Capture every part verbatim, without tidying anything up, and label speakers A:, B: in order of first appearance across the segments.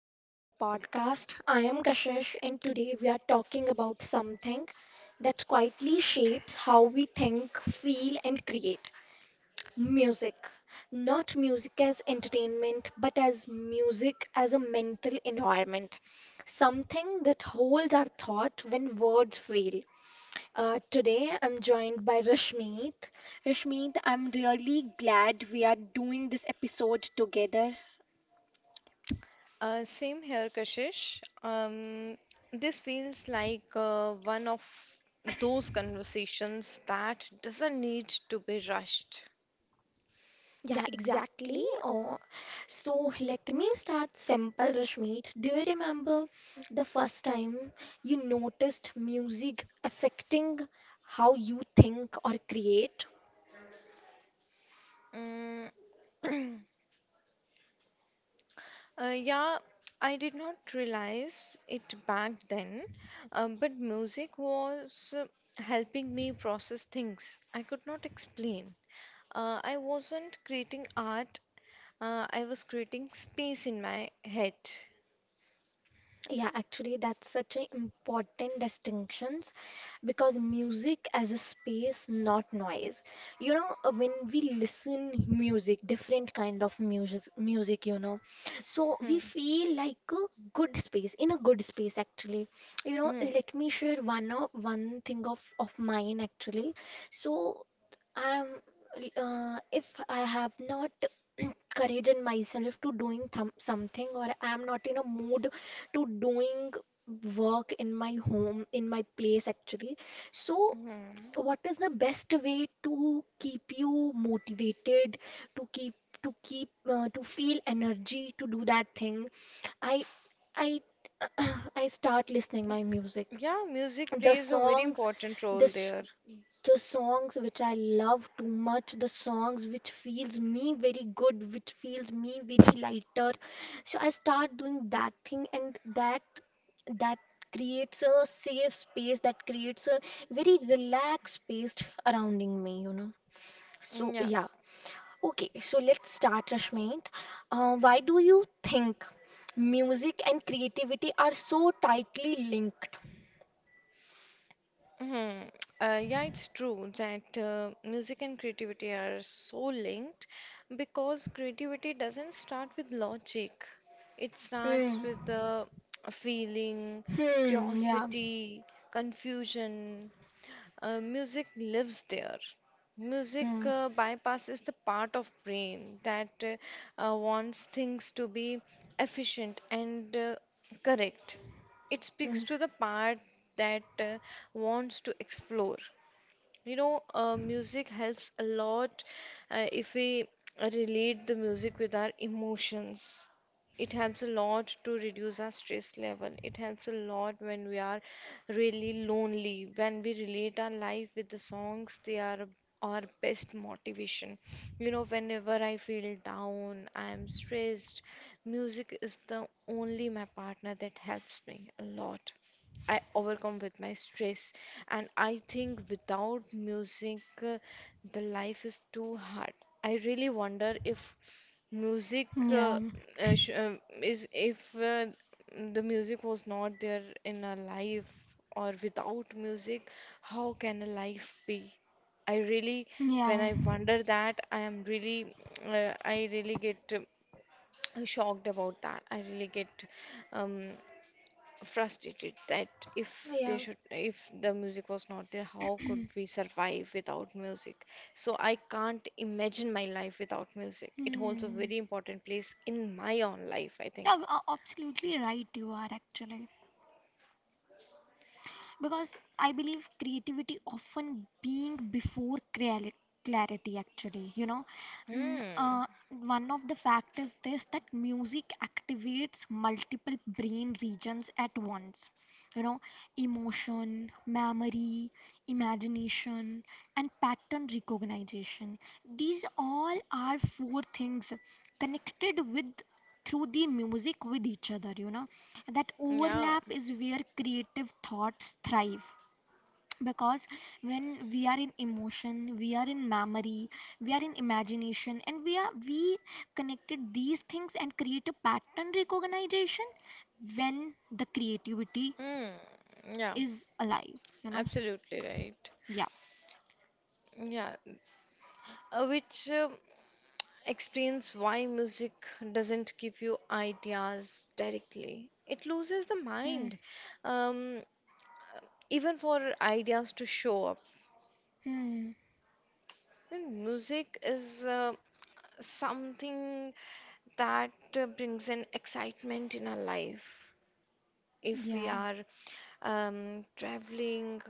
A: back to the podcast. I am Kashish, and today we are talking about something that quietly shapes how we think, feel, and create music. Not music as entertainment, but as music as a mental environment. Something that holds our thought when words fail. Uh, today I'm joined by Rashmeet. Rashmeet, I'm really glad we are doing this episode together.
B: Uh, same here, Kashish. Um, this feels like uh, one of those conversations that doesn't need to be rushed.
A: Yeah, exactly. Oh, so let me start simple, Rashmeet. Do you remember the first time you noticed music affecting how you think or create?
B: Mm, uh, yeah, I did not realize it back then, uh, but music was uh, helping me process things I could not explain. Uh, I wasn't creating art, uh, I was creating space in my head.
A: Yeah, actually, that's such an important distinction, because music as a space, not noise, you know. Uh, when we listen music, different kind of music music you know, so we
B: Hmm,
A: feel like a good space, in a good space actually, you know.
B: hmm,
A: Let me share one of one thing of of mine actually. So I'm, uh, if I have not courage in myself to doing thom- something, or I am not in a mood to doing work in my home, in my place actually. So
B: hmm.
A: what is the best way to keep you motivated, to keep, to keep uh, to feel energy to do that thing? I I I start listening my music.
B: Yeah, music
A: The
B: plays a very
A: songs,
B: important
A: the
B: role
A: s-
B: there.
A: the songs which I love too much, the songs which feels me very good, which feels me very lighter, so I start doing that thing, and that that creates a safe space, that creates a very relaxed space surrounding me, you know. So
B: Mm. Yeah.
A: yeah, okay, so let's start, Rashmit. Uh, why do you think music and creativity are so tightly linked?
B: Mhm. Uh, yeah, it's true that uh, music and creativity are so linked because creativity doesn't start with logic. It starts
A: Hmm.
B: with the feeling,
A: Hmm. Yeah.
B: curiosity, confusion. Uh, music lives there. Music
A: Hmm.
B: uh, bypasses the part of brain that uh, uh, wants things to be efficient and uh, correct. It speaks
A: Hmm.
B: to the part that uh, wants to explore. You know, uh, music helps a lot uh, if we relate the music with our emotions. It helps a lot to reduce our stress level. It helps a lot when we are really lonely. When we relate our life with the songs, they are our best motivation. You know, whenever I feel down, I am stressed, music is the only my partner that helps me a lot. I overcome with my stress. And I think without music, uh, the life is too hard. I really wonder if music
A: Hmm,
B: uh,
A: yeah.
B: uh, sh- um, is if uh, the music was not there in our life or without music, how can a life be? I really, when
A: Yeah,
B: I wonder that, I am really, uh, I really get uh, shocked about that. I really get um, frustrated that if they
A: yeah.
B: should if the music was not there, how could we survive without music? So I can't imagine my life without music. It holds a
A: Hmm.
B: very important place in my own life, I think.
A: Yeah, a- absolutely right you are actually. Because I believe creativity often being before creali- clarity actually, you know. Mm,
B: Hmm.
A: uh, one of the fact is this, that music activates multiple brain regions at once. You know, emotion, memory, imagination, and pattern recognition. These all are four things connected with, through the music, with each other, you know. That
B: Yeah.
A: overlap is where creative thoughts thrive, because when we are in emotion, we are in memory, we are in imagination, and we are we connected these things and create a pattern recognition when the creativity
B: Hmm. Yeah,
A: is alive, you know.
B: absolutely right.
A: Yeah.
B: Yeah, uh, which um explains why music doesn't give you ideas directly, it loses the
A: Hmm.
B: mind um even for ideas to show up.
A: Hmm.
B: And music is uh, something that uh, brings an excitement in our life. If we
A: Yeah.
B: are um, traveling,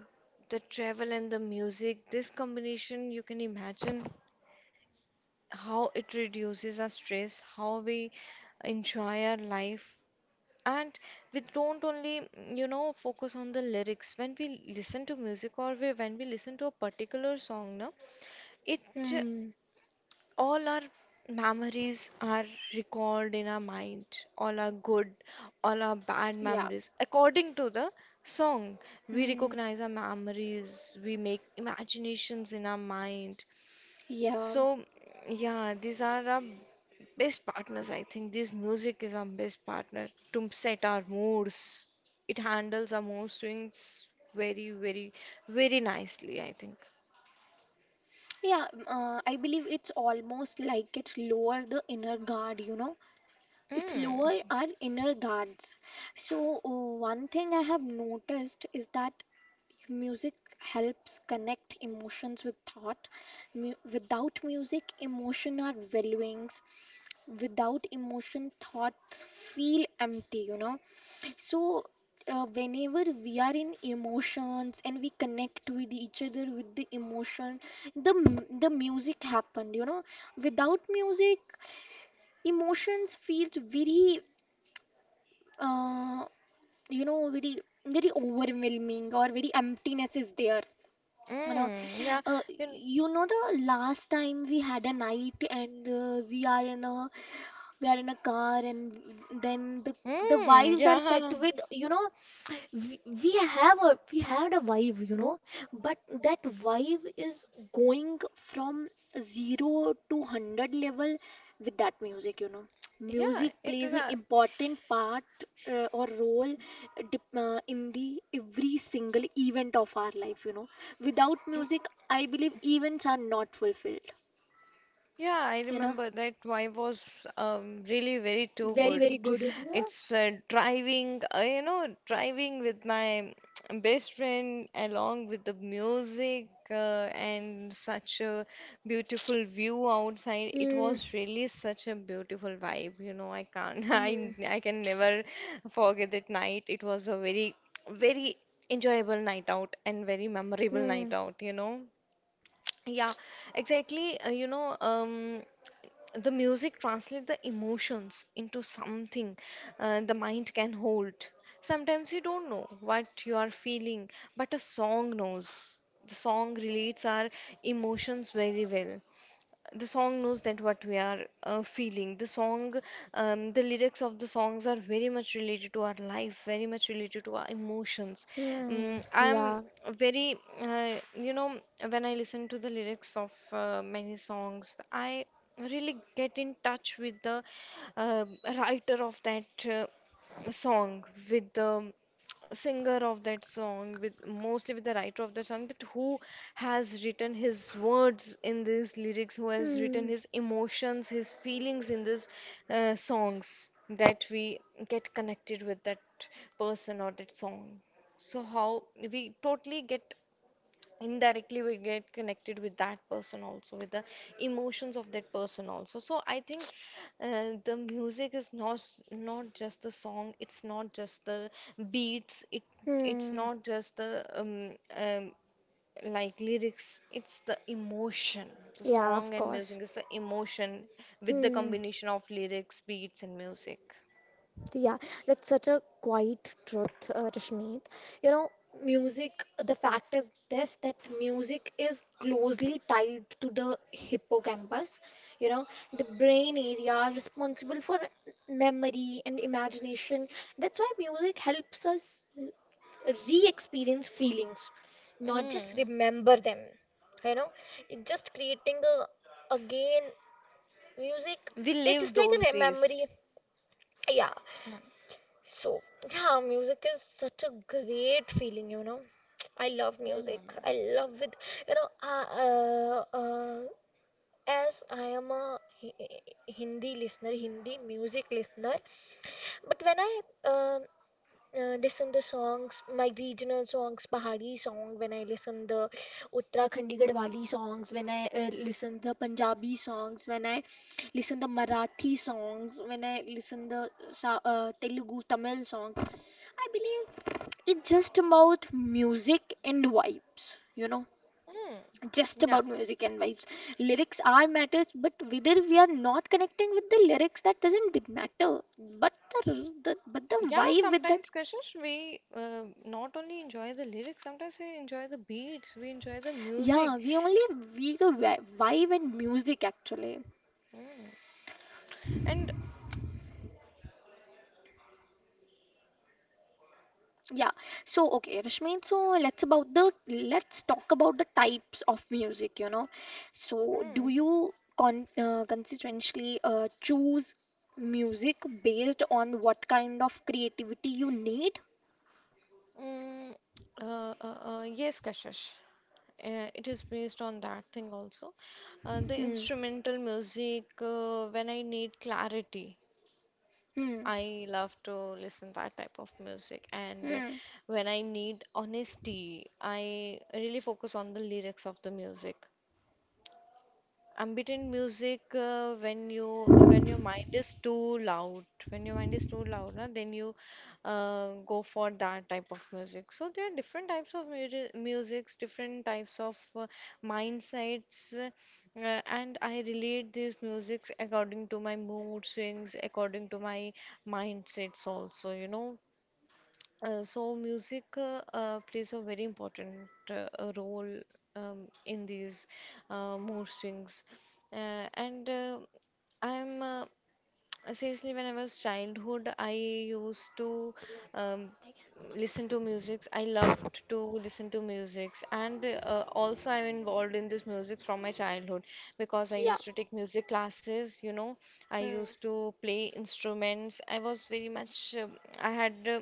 B: the travel and the music, this combination, you can imagine how it reduces our stress, how we enjoy our life. And we don't only, you know, focus on the lyrics. When we listen to music, or we, when we listen to a particular song, no, it,
A: Hmm.
B: all our memories are recalled in our mind, all our good, all our bad
A: Yeah.
B: memories according to the song. We
A: Hmm.
B: recognize our memories, we make imaginations in our mind.
A: Yeah.
B: So yeah, these are our best partners, I think. This music is our best partner to set our moods. It handles our mood swings very, very, very nicely, I think.
A: Yeah, m- uh, I believe it's almost like it lower the inner guard, you know. It's lower
B: Mm.
A: our inner guards. So uh, one thing I have noticed is that music helps connect emotions with thought. Mu- without music, emotion are valuings. Without emotion, thoughts feel empty, you know. So, uh, whenever we are in emotions and we connect with each other with the emotion, the m- the music happened, you know. Without music, emotions feels very, uh, you know, very, very overwhelming, or very emptiness is there. You know,
B: Mm. Yeah.
A: uh,
B: You.
A: you know, the last time we had a night and uh, we are in a, we are in a car, and then the the
B: Hmm.
A: wives are set
B: Yeah.
A: with, you know, we, we have a, we had a vibe, you know. But that vibe is going from zero to one hundred level with that music, you know.
B: Yeah,
A: Music
B: it
A: plays
B: is
A: an
B: a,
A: important part, uh, or role, uh, dep- uh, in the every single event of our life, you know. Without music, I believe events are not fulfilled.
B: yeah, I
A: You know,
B: remember that vibe was um, really very too
A: very
B: good.
A: very good, you
B: It's uh, driving, uh, you know, driving with my best friend along with the music uh, and such a beautiful view outside.
A: know?
B: It
A: Hmm.
B: was really such a beautiful vibe, you know, I can't,
A: Hmm.
B: I, I can never forget that night. It was a very, very enjoyable night out and very memorable
A: Hmm.
B: night out, you know. Yeah, exactly. Uh, you know, um, the music translates the emotions into something uh, the mind can hold. Sometimes you don't know what you are feeling, but a song knows. The song relates our emotions very well. The song knows that what we are uh, feeling. The song, um, the lyrics of the songs are very much related to our life, very much related to our emotions.
A: Hmm.
B: um, I'm
A: Yeah.
B: very uh, you know, when I listen to the lyrics of uh, many songs, I really get in touch with the uh, writer of that uh, song, with the singer of that song, with mostly with the writer of the song, that who has written his words in these lyrics, who has written
A: Hmm.
B: his emotions, his feelings in these uh, songs, that we get connected with that person or that song. So how we totally get, indirectly we get connected with that person also, with the emotions of that person also. So I think uh, the music is not, not just the song, it's not just the beats, it it's
A: Hmm.
B: not just the um, um like lyrics, it's the emotion. The
A: Yeah,
B: song
A: of
B: and music
A: course.
B: is the emotion with the
A: Hmm.
B: combination of lyrics, beats and music.
A: Yeah, that's such a quiet truth, uh, Rashmeet. You know, music, the fact is this, that music is closely tied to the hippocampus, you know, the brain area responsible for memory and imagination. That's why music helps us re-experience feelings, not just
B: Mm.
A: remember them. You know, it just creating a, again, music
B: We
A: is
B: live
A: just like a
B: those
A: re- memory.
B: days.
A: Yeah,
B: Mm.
A: so yeah, music is such a great feeling, you know. I love
B: Mm.
A: music. I love it. You know, uh, uh, uh, as I am a Hi- Hindi listener, Hindi music listener, but when I, uh, uh, listen the songs, my regional songs, Pahari song, when I listen the Uttarakhandi Garhwali songs, when I uh, listen the Punjabi songs, when I listen the Marathi songs, when I listen the Sa- uh, Telugu Tamil songs, I believe it's just about music and vibes, you know,
B: Mm.
A: just
B: Yeah.
A: about music and vibes. Lyrics are matters, but whether we are not connecting with the lyrics, that doesn't d- matter. But the, r- the, but the
B: Yeah,
A: vibe with that,
B: sometimes Kashish, we uh, not only enjoy the lyrics, sometimes we enjoy the beats, we enjoy the music.
A: yeah, we only,
B: Eh.
A: we the vi- vibe and music actually.
B: Mm. And
A: Yeah. So okay, Rashmi. So let's about the, let's talk about the types of music. You know, so do
B: mm.
A: you con uh, consistently uh, choose music based on what kind of creativity you need?
B: Mm. Uh, uh, uh, yes, Kashish, uh, it is based on that thing also. Uh, the
A: Hmm.
B: instrumental music, uh, when I need clarity,
A: Hmm.
B: I love to listen that type of music. And uh,
A: Hmm.
B: when I need honesty, I really focus on the lyrics of the music. Ambient music, uh, when you, when your mind is too loud, when your mind is too loud na, then you uh, go for that type of music. So there are different types of music, musics, different types of uh, mindsets, uh, uh, and I relate these musics according to my mood swings, according to my mindsets also, you know. Uh, so music uh, uh, plays a very important uh, uh, role um, in these uh, mood swings, uh, and uh, I'm uh, seriously, when I was childhood, I used to um, listen to musics. I loved to listen to musics, and uh, also I'm involved in this music from my childhood because I
A: Yeah.
B: used to take music classes. You know, I
A: Hmm.
B: used to play instruments. I was very much, uh, I had uh,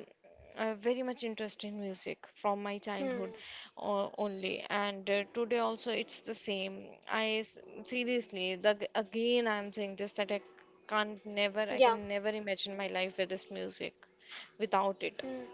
B: uh, very much interest in music from my childhood
A: Hmm.
B: uh, only, and uh, today also it's the same. I s- seriously, the, again I'm saying this that I, can't never, I
A: Yeah.
B: can never imagine my life with this music, without it.
A: Hmm.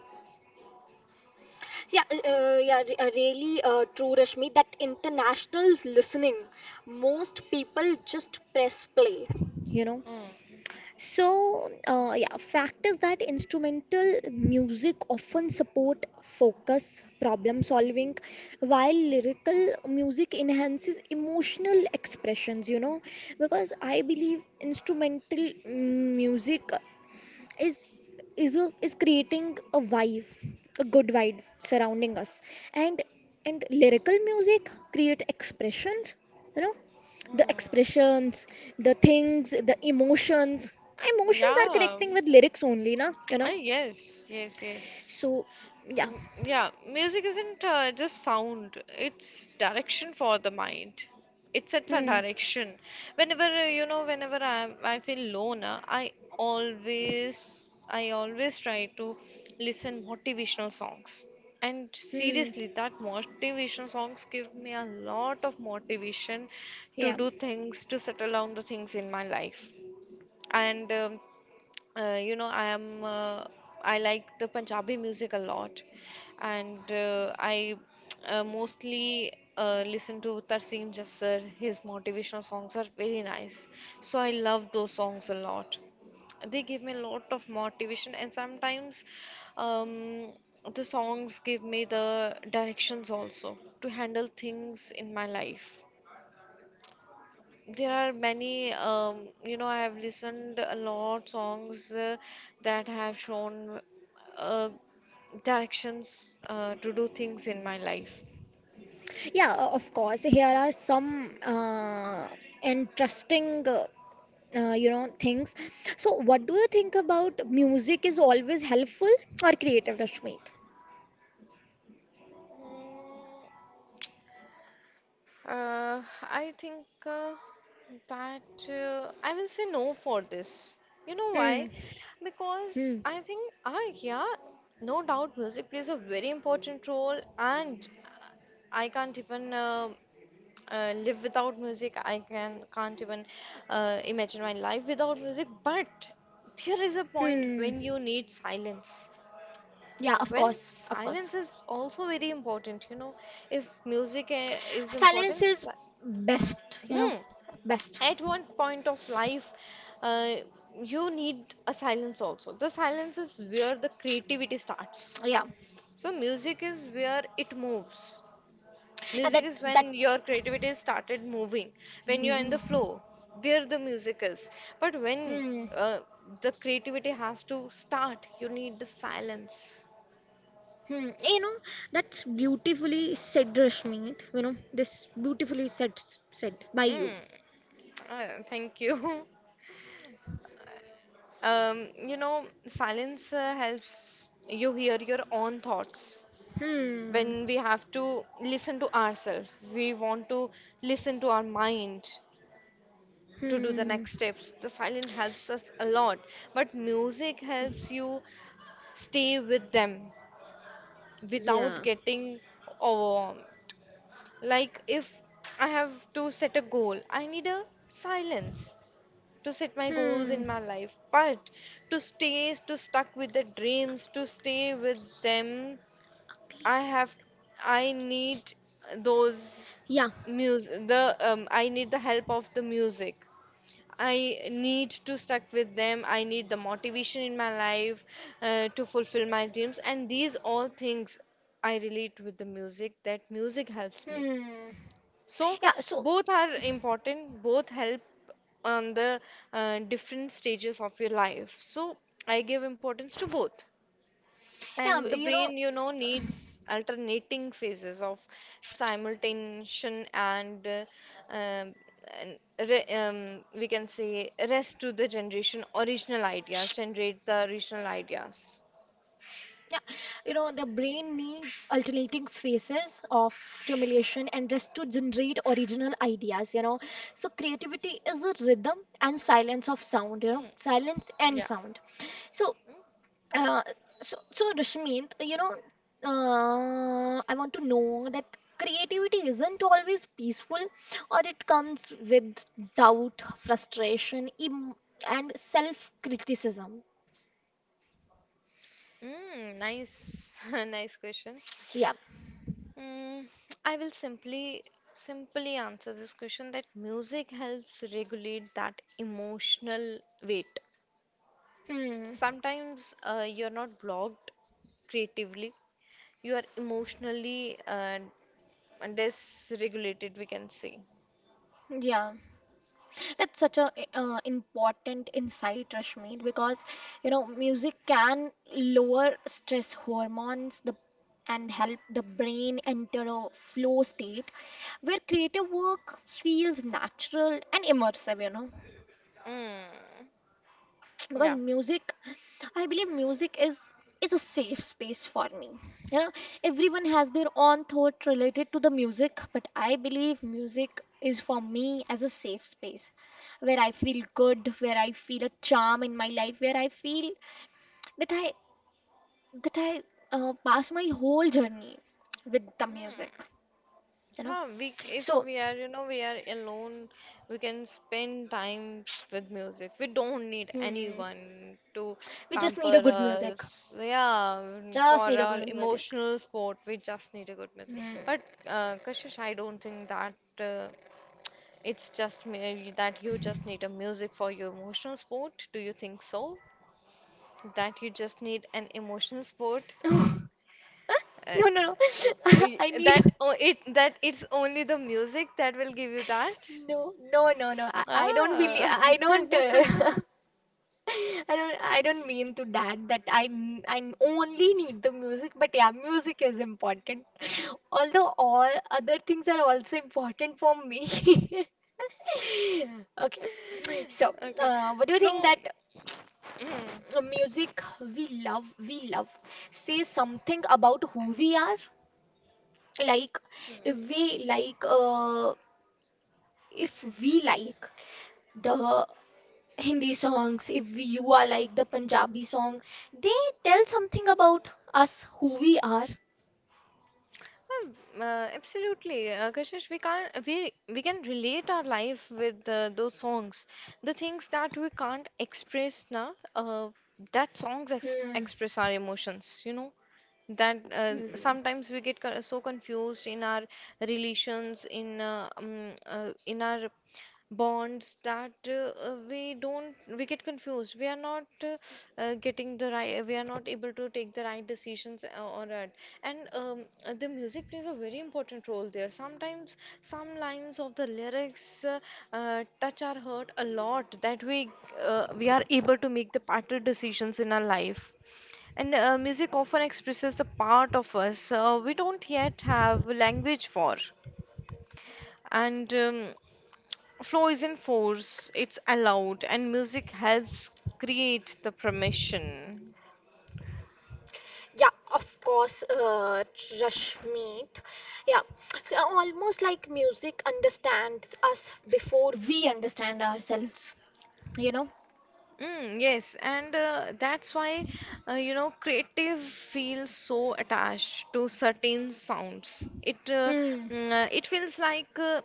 A: Yeah, uh, uh, yeah, re- uh, really uh, true, Rashmi, that internationals listening, most people just press play, you know.
B: Mm.
A: So, uh, yeah, fact is that instrumental music often support focus, problem solving, while lyrical music enhances emotional expressions, you know. Because I believe instrumental, mm, music is, is a, is creating a vibe, a good vibe surrounding us, and and lyrical music create expressions, you know, the
B: Mm.
A: expressions, the things, the emotions, emotions are
B: Yeah.
A: connecting with lyrics only na, you
B: Oh,
A: know.
B: yes, yes, yes.
A: So yeah.
B: M- Yeah, music isn't uh, just sound, it's direction for the mind. It sets a
A: Hmm.
B: direction. Whenever, uh, you know, whenever I'm, I feel lone, uh, I always, I always try to listen motivational songs. And seriously,
A: Hmm.
B: that motivational songs give me a lot of motivation to
A: Yeah.
B: do things, to settle down the things in my life and um, uh, you know, I am uh, I like the Punjabi music a lot, and uh, I uh, mostly uh, listen to Tarseem Jassar. His motivational songs are very nice, so I love those songs a lot. They give me a lot of motivation, and sometimes um, the songs give me the directions also to handle things in my life. There are many, um, you know, I have listened a lot songs uh, that have shown uh, directions uh, to do things in my life.
A: Yeah, o- of course. Here are some uh, interesting, uh, uh, you know, things. So, what do you think about, music is always helpful or creative, Rashmeet?
B: Mm. Uh, I think uh, that uh, I will say no for this. You know
A: Hmm.
B: why?
A: Hmm.
B: Because I think, ah yeah, no doubt music plays a very important role, and I can't even uh, uh, live without music. I can can't even uh, imagine my life without music. But there is a point
A: Hmm.
B: when you need silence.
A: Yeah, of
B: When
A: course. Of
B: silence
A: course.
B: is also very important, you know, if music eh, is
A: Silence
B: important,
A: is
B: si.
A: best, you know,
B: Hmm.
A: best.
B: At one point of life, uh, you need a silence also. The silence is where the creativity starts.
A: Yeah.
B: So music is where it moves.
A: Yeah,
B: Music
A: that
B: is
A: that.
B: when your creativity started moving. When you're in
A: Hmm.
B: the flow, there the music is. But when
A: Hmm.
B: uh, the creativity has to start, you need the silence.
A: Hmm, you know, that's beautifully said, Rashmi. You know, this beautifully said, said by you.
B: Mm, uh, thank you. Um, you know, silence uh, helps you hear your own thoughts.
A: Hmm.
B: When we have to listen to ourselves. We want to listen to our mind to do the
A: Hmm.
B: next steps. The silence helps us a lot, but music helps you stay with them without
A: Yeah.
B: getting overwhelmed. Like if I have to set a goal, I need a silence to set my goals
A: Hmm.
B: in my life, but to stay, to stuck with the dreams, to stay with them, I have I need those
A: Yeah.
B: music, the um, I need the help of the music. I need to stuck with them. I need the motivation in my life uh, to fulfill my dreams, and these all things I relate with the music, that music helps me.
A: Hmm.
B: So
A: Yeah. So,
B: both are important, both help on the uh, different stages of your life. So I give importance to both.
A: yeah,
B: And the
A: you know,
B: brain, you know, needs alternating phases of stimulation and, uh, um, and re um, we can say rest to the generation original ideas, generate the original ideas.
A: yeah, you know, the brain needs alternating phases of stimulation and rest to generate original ideas. You know, so creativity is a rhythm and silence of sound. You know,
B: Hmm.
A: silence and
B: Yeah.
A: sound. So, Uh, so, so Rashmint, you know, uh, I want to know that, creativity isn't always peaceful, or it comes with doubt, frustration, em, and self-criticism.
B: Mm, nice, nice question.
A: Yeah.
B: Mm, I will simply simply answer this question that music helps regulate that emotional weight.
A: Hmm.
B: Sometimes uh, you're not blocked creatively, you are emotionally uh, dysregulated, we can say.
A: Yeah. That's such a uh, important insight, Rashmi, because you know, music can lower stress hormones, the, and help the brain enter a flow state where creative work feels natural and immersive. You know,
B: Mm,
A: because
B: yeah.
A: music, I believe music is is a safe space for me, you know. Everyone has their own thought related to the music, but I believe music is for me as a safe space, where I feel good, where I feel a charm in my life, where I feel that I, that i uh, pass my whole journey with the music,
B: Mm.
A: you know.
B: Huh, we, if
A: So
B: we are, you know, we are alone, we can spend time with music. We don't need
A: hmm,
B: anyone to
A: we just need a
B: pamper
A: good music,
B: us. Yeah,
A: just
B: for
A: need a
B: our
A: good music.
B: emotional support, we just need a good music.
A: Hmm.
B: But uh, Kashish, I don't think that uh, it's just merely that you just need a music for your emotional support. Do you think so? That you just need an emotional support? Uh,
A: No, no, no.
B: y-
A: I need
B: that o- it that it's only the music that will give you that.
A: no, no, no, no. I, I don't really.
B: Ah.
A: I don't. Uh, I don't. I don't mean to that. That I. n- I n- only need the music. But yeah, music is important. Although all other things are also important for me. Okay. So,
B: Okay.
A: uh, what do you think
B: Flow.
A: that
B: Mm.
A: uh, music we love, we love, says something about who we are? Like, if we like uh, if we like the Hindi songs, if you are like the Punjabi song, they tell something about us, who we are.
B: Um, Uh, absolutely, uh, Kashish, we can't we we can relate our life with uh, those songs. The things that we can't express now, uh, that songs ex
A: Hmm.
B: express our emotions, you know. That uh,
A: Hmm.
B: Sometimes we get co- so confused in our relations in uh, um, uh, in our bonds that uh, uh, we don't we get confused, we are not uh, uh, getting the right we are not able to take the right decisions uh, or that. And um, uh, the music plays a very important role there. Sometimes some lines of the lyrics uh, uh, touch our heart a lot that we uh, we are able to make the better decisions in our life, and uh, music often expresses the part of us uh, we don't yet have language for. And um, flow isn't force, it's allowed, and music helps create the permission.
A: Yeah, of course, uh, Rashmeet. Yeah, so almost like music understands us before we understand ourselves, you know?
B: Mm, yes, and uh, that's why uh, you know creative feels so attached to certain sounds. It uh,
A: Hmm.
B: mm, uh, it feels like uh,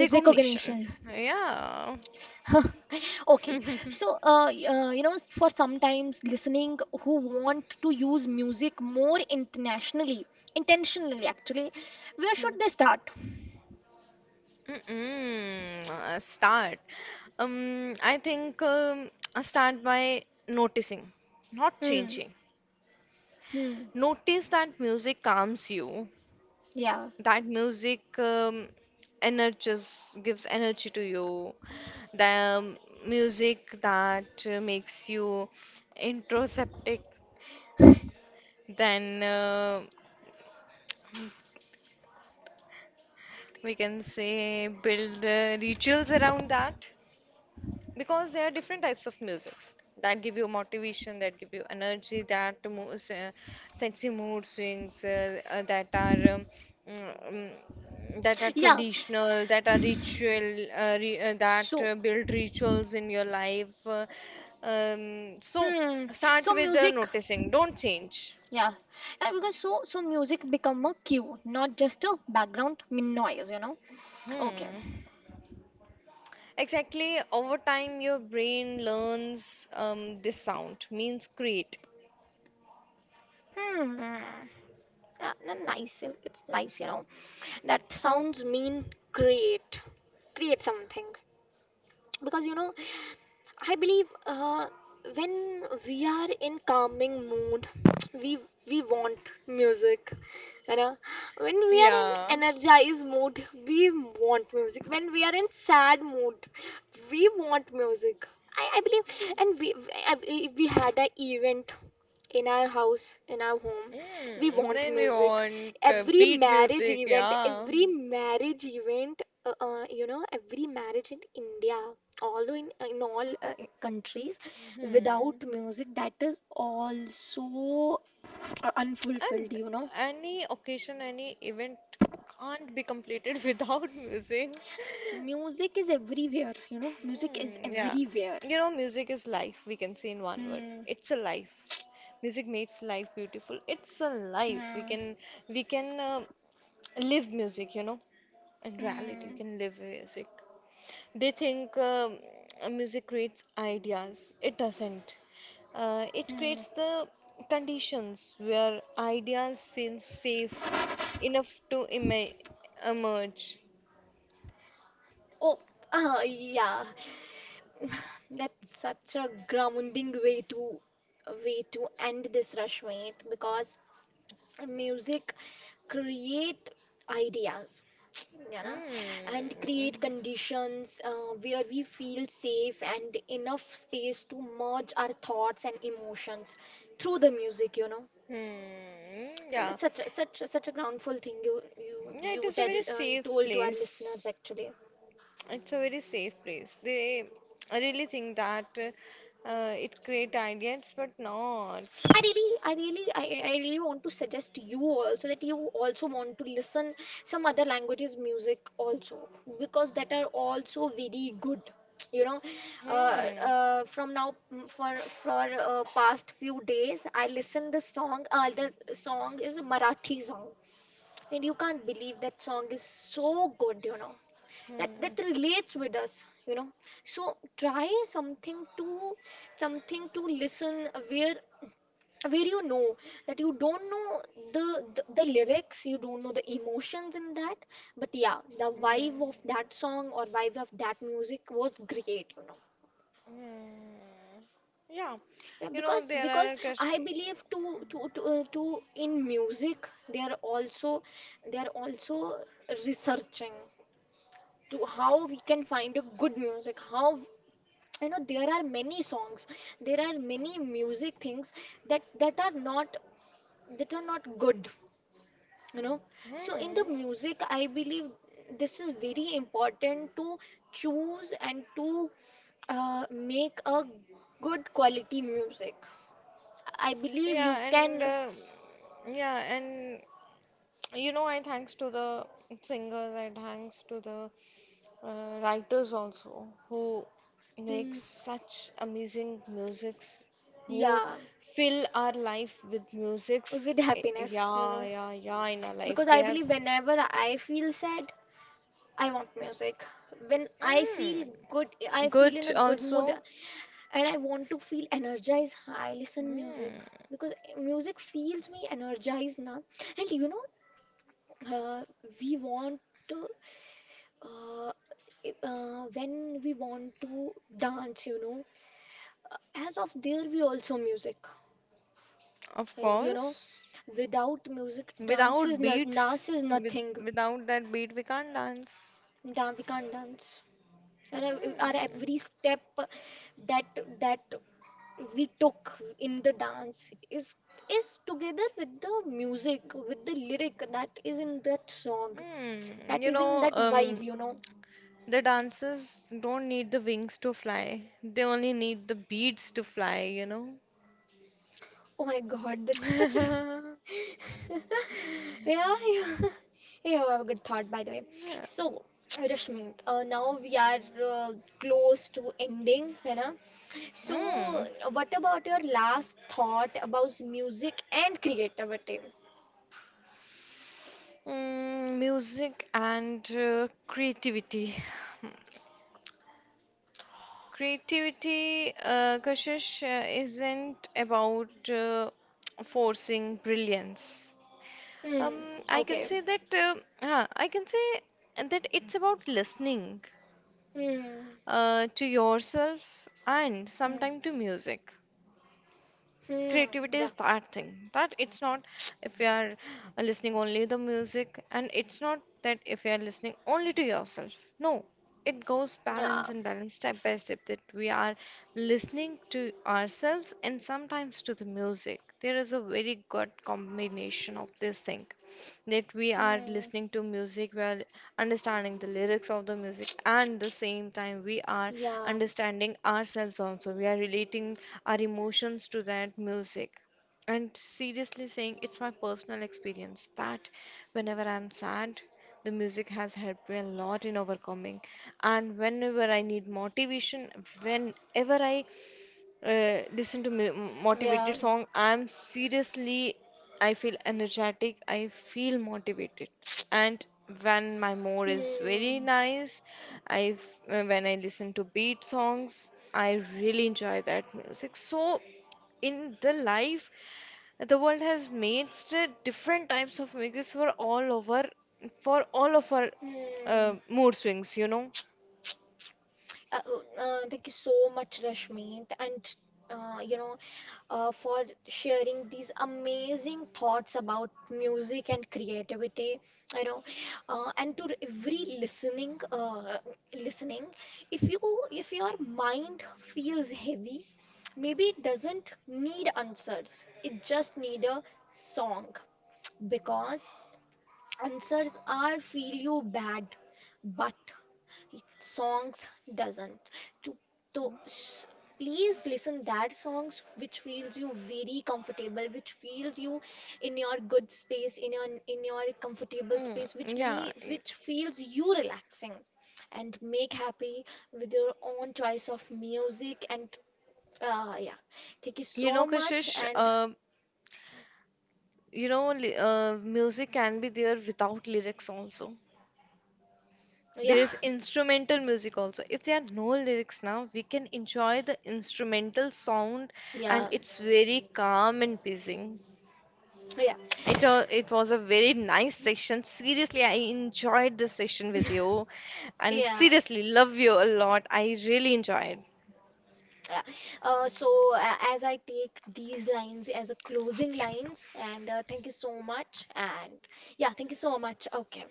B: recognition. Yeah.
A: Okay, so uh, y- uh, you know, for sometimes listening who want to use music more internationally, intentionally actually, where should they start?
B: Mm-mm, uh, Start. Um, I think um, I start by noticing, not
A: Hmm,
B: changing.
A: hmm,
B: Notice that music calms you,
A: yeah,
B: that music um, energizes, gives energy to you, the um, music that uh, makes you introspective. Then uh, we can say build uh, rituals around that, because there are different types of musics that give you motivation, that give you energy, that mo- s- uh, sets you mood swings uh, uh, that are um, mm, mm, that are
A: yeah.
B: traditional, that are ritual uh, re uh, that
A: So,
B: uh, build rituals in your life uh, um, so
A: hmm,
B: start
A: so
B: with uh,
A: music,
B: noticing, don't change.
A: yeah, Uh, because so so music become a cue, not just a background min- noise, you know. Okay.
B: Hmm. Exactly, over time your brain learns um, this sound means create.
A: Hmm. Yeah, n- nice. it- It's nice, you know. That sounds mean. Create, create something. Because you know, I believe uh, when we are in calming mood, we we want music, you know. When we are in
B: Yeah.
A: energized mood, we want music. When we are in sad mood, we want music. I, I believe, and we, I- I- we had a event in our house, in our home. We
B: Mm,
A: want
B: then we
A: music.
B: want uh,
A: Every
B: beat
A: marriage
B: music,
A: event,
B: yeah.
A: every marriage event, uh, uh, you know, every marriage in India, although in, in all uh, countries, without
B: Hmm.
A: music, that is also uh, unfulfilled,
B: And
A: you know.
B: any occasion, any event can't be completed without music.
A: Music is everywhere, you know. Music is
B: Hmm, yeah.
A: everywhere.
B: You know, music is life, we can say in one word.
A: Hmm,
B: It's a life. Music makes life beautiful. It's a life. We
A: hmm,
B: can we can uh, live music, you know. In reality, you
A: hmm,
B: can live with music. They think um, music creates ideas. It doesn't. Uh, it
A: hmm.
B: creates the conditions where ideas feel safe enough to ema emerge.
A: Oh, uh, yeah. That's such a grounding way to, way to end this, Rashmit, because music create ideas, you know, and create
B: Hmm.
A: conditions uh, where we feel safe and enough space to merge our thoughts and emotions through the music, you know.
B: Hmm.
A: So
B: Yeah.
A: that's such a, such a, such a groundful thing you you
B: Yeah, it
A: you
B: is a
A: tell,
B: very
A: uh, you
B: safe
A: told to our listeners
B: place.
A: actually.
B: It's a very safe place. They really think that uh, it create ideas, but not.
A: I really, I really, I, I really want to suggest you also that you also want to listen some other languages music also, because that are also very good. You know, uh,
B: Hmm.
A: uh, from now, mm, for for uh, past few days, I listen the song. Uh, the song is a Marathi song, and you can't believe that song is so good. You know that
B: Hmm,
A: that relates with us. You know, so try something to, something to listen where where you know that you don't know the, the the lyrics, you don't know the emotions in that, but yeah, the vibe of
B: hmm,
A: that song, or vibe of that music was great, you know.
B: hmm. Yeah,
A: Yeah,
B: you know
A: because
B: there
A: because
B: are ques-
A: I believe to to to, uh, to in music, they are also, they are also researching to, how we can find a good music, how, you know, there are many songs, there are many music things that, that are not, that are not good, you know. So in the
B: hmm.
A: music I believe this is very important, to choose and to uh, make a good quality music, I believe you
B: Yeah, and
A: can.
B: uh, yeah, and you know I thanks to the singers, I thanks to the uh, writers also who make
A: Mm,
B: such amazing musics, who
A: yeah,
B: fill our life with musics.
A: with
B: Eh,
A: happiness, you
B: yeah,
A: know.
B: yeah, yeah, in our life
A: Because I
B: they have
A: believe whenever I feel sad, I want music. When I feel
B: mm,
A: good, I
B: good
A: feel in a good mood,
B: also.
A: and I want to feel energized, I listen music,
B: Mm.
A: because music feels me energized now. And you know, uh, we want to, uh, uh, when we want to dance, you know, uh, as of there we also music,
B: Of
A: uh, you know,
B: course,
A: without music dance is
B: without
A: no,
B: beats,
A: dance is
B: with,
A: nothing.
B: without that beat, we can't dance.
A: Dan- we can't dance, and uh, our
B: Hmm.
A: every step that, that we took in the dance is is together with the music, with the lyric that is in that song,
B: Hmm.
A: that
B: You
A: is in
B: know,
A: that
B: um,
A: vibe, you know.
B: the dancers don't need the wings to fly. They only need the beats to fly, you know.
A: Oh my god, that's such a yeah, yeah. Yeah, I have a good thought by the way.
B: Yeah.
A: So, Rashmi, uh, now we are uh, close to ending, you know. So,
B: Mm.
A: what about your last thought about music and creativity?
B: Mm, music and uh, creativity. Hmm. Creativity, uh, Kashish, uh, isn't about uh, forcing brilliance.
A: Hmm.
B: Um, I can
A: Okay.
B: say that uh, huh, I can say that it's about listening
A: Hmm.
B: uh, to yourself and
A: Hmm.
B: sometime to music. Creativity
A: Hmm.
B: is
A: Yeah.
B: that thing that it's not if you are listening only the music, and it's not that if you are listening only to yourself. No, it goes
A: Yeah.
B: balance and balance, step by step, that we are listening to ourselves and sometimes to the music. There is a very good combination of this thing that we are
A: Hmm.
B: listening to music, we are understanding the lyrics of the music, and the same time we are
A: Yeah.
B: understanding ourselves also. We are relating our emotions to that music. And seriously saying, it's my personal experience that whenever I'm sad, the music has helped me a lot in overcoming. And whenever I need motivation, whenever I uh, listen to mi- motivated
A: Yeah.
B: song, I'm seriously, I feel energetic, I feel motivated. And when my mood is very
A: Hmm.
B: nice, i f- uh, when I listen to beat songs I really enjoy that music. So in the life, the world has made st- different types of music for all over, for all of our
A: Hmm.
B: uh, mood swings, you know.
A: Uh, uh, uh, thank you so much, Rashmi, and uh, you know, uh, for sharing these amazing thoughts about music and creativity. You know, uh, and to every listening, uh, listening, if you, if your mind feels heavy, maybe it doesn't need answers. It just need a song, because answers are feel you bad, but it songs doesn't, to, to s- please listen that songs which feels you very comfortable, which feels you in your good space, in your, in your comfortable
B: Mm,
A: space, which me,
B: yeah, y-
A: which feels you relaxing and make happy with your own choice of music. And uh, yeah, thank you
B: you
A: so
B: know,
A: much.
B: Kashish,
A: And
B: uh, you know, li- uh, music can be there without lyrics also.
A: yeah,
B: There is instrumental music also. If there are no lyrics now, we can enjoy the instrumental sound, and
A: yeah,
B: it's very calm and pleasing.
A: yeah,
B: It, uh, it was a very nice session. Seriously, I enjoyed this session with you and
A: yeah.
B: seriously love you a lot. I really enjoyed.
A: Yeah. Uh, so uh, as I take these lines as a closing lines, and uh, thank you so much. And yeah, thank you so much. Okay.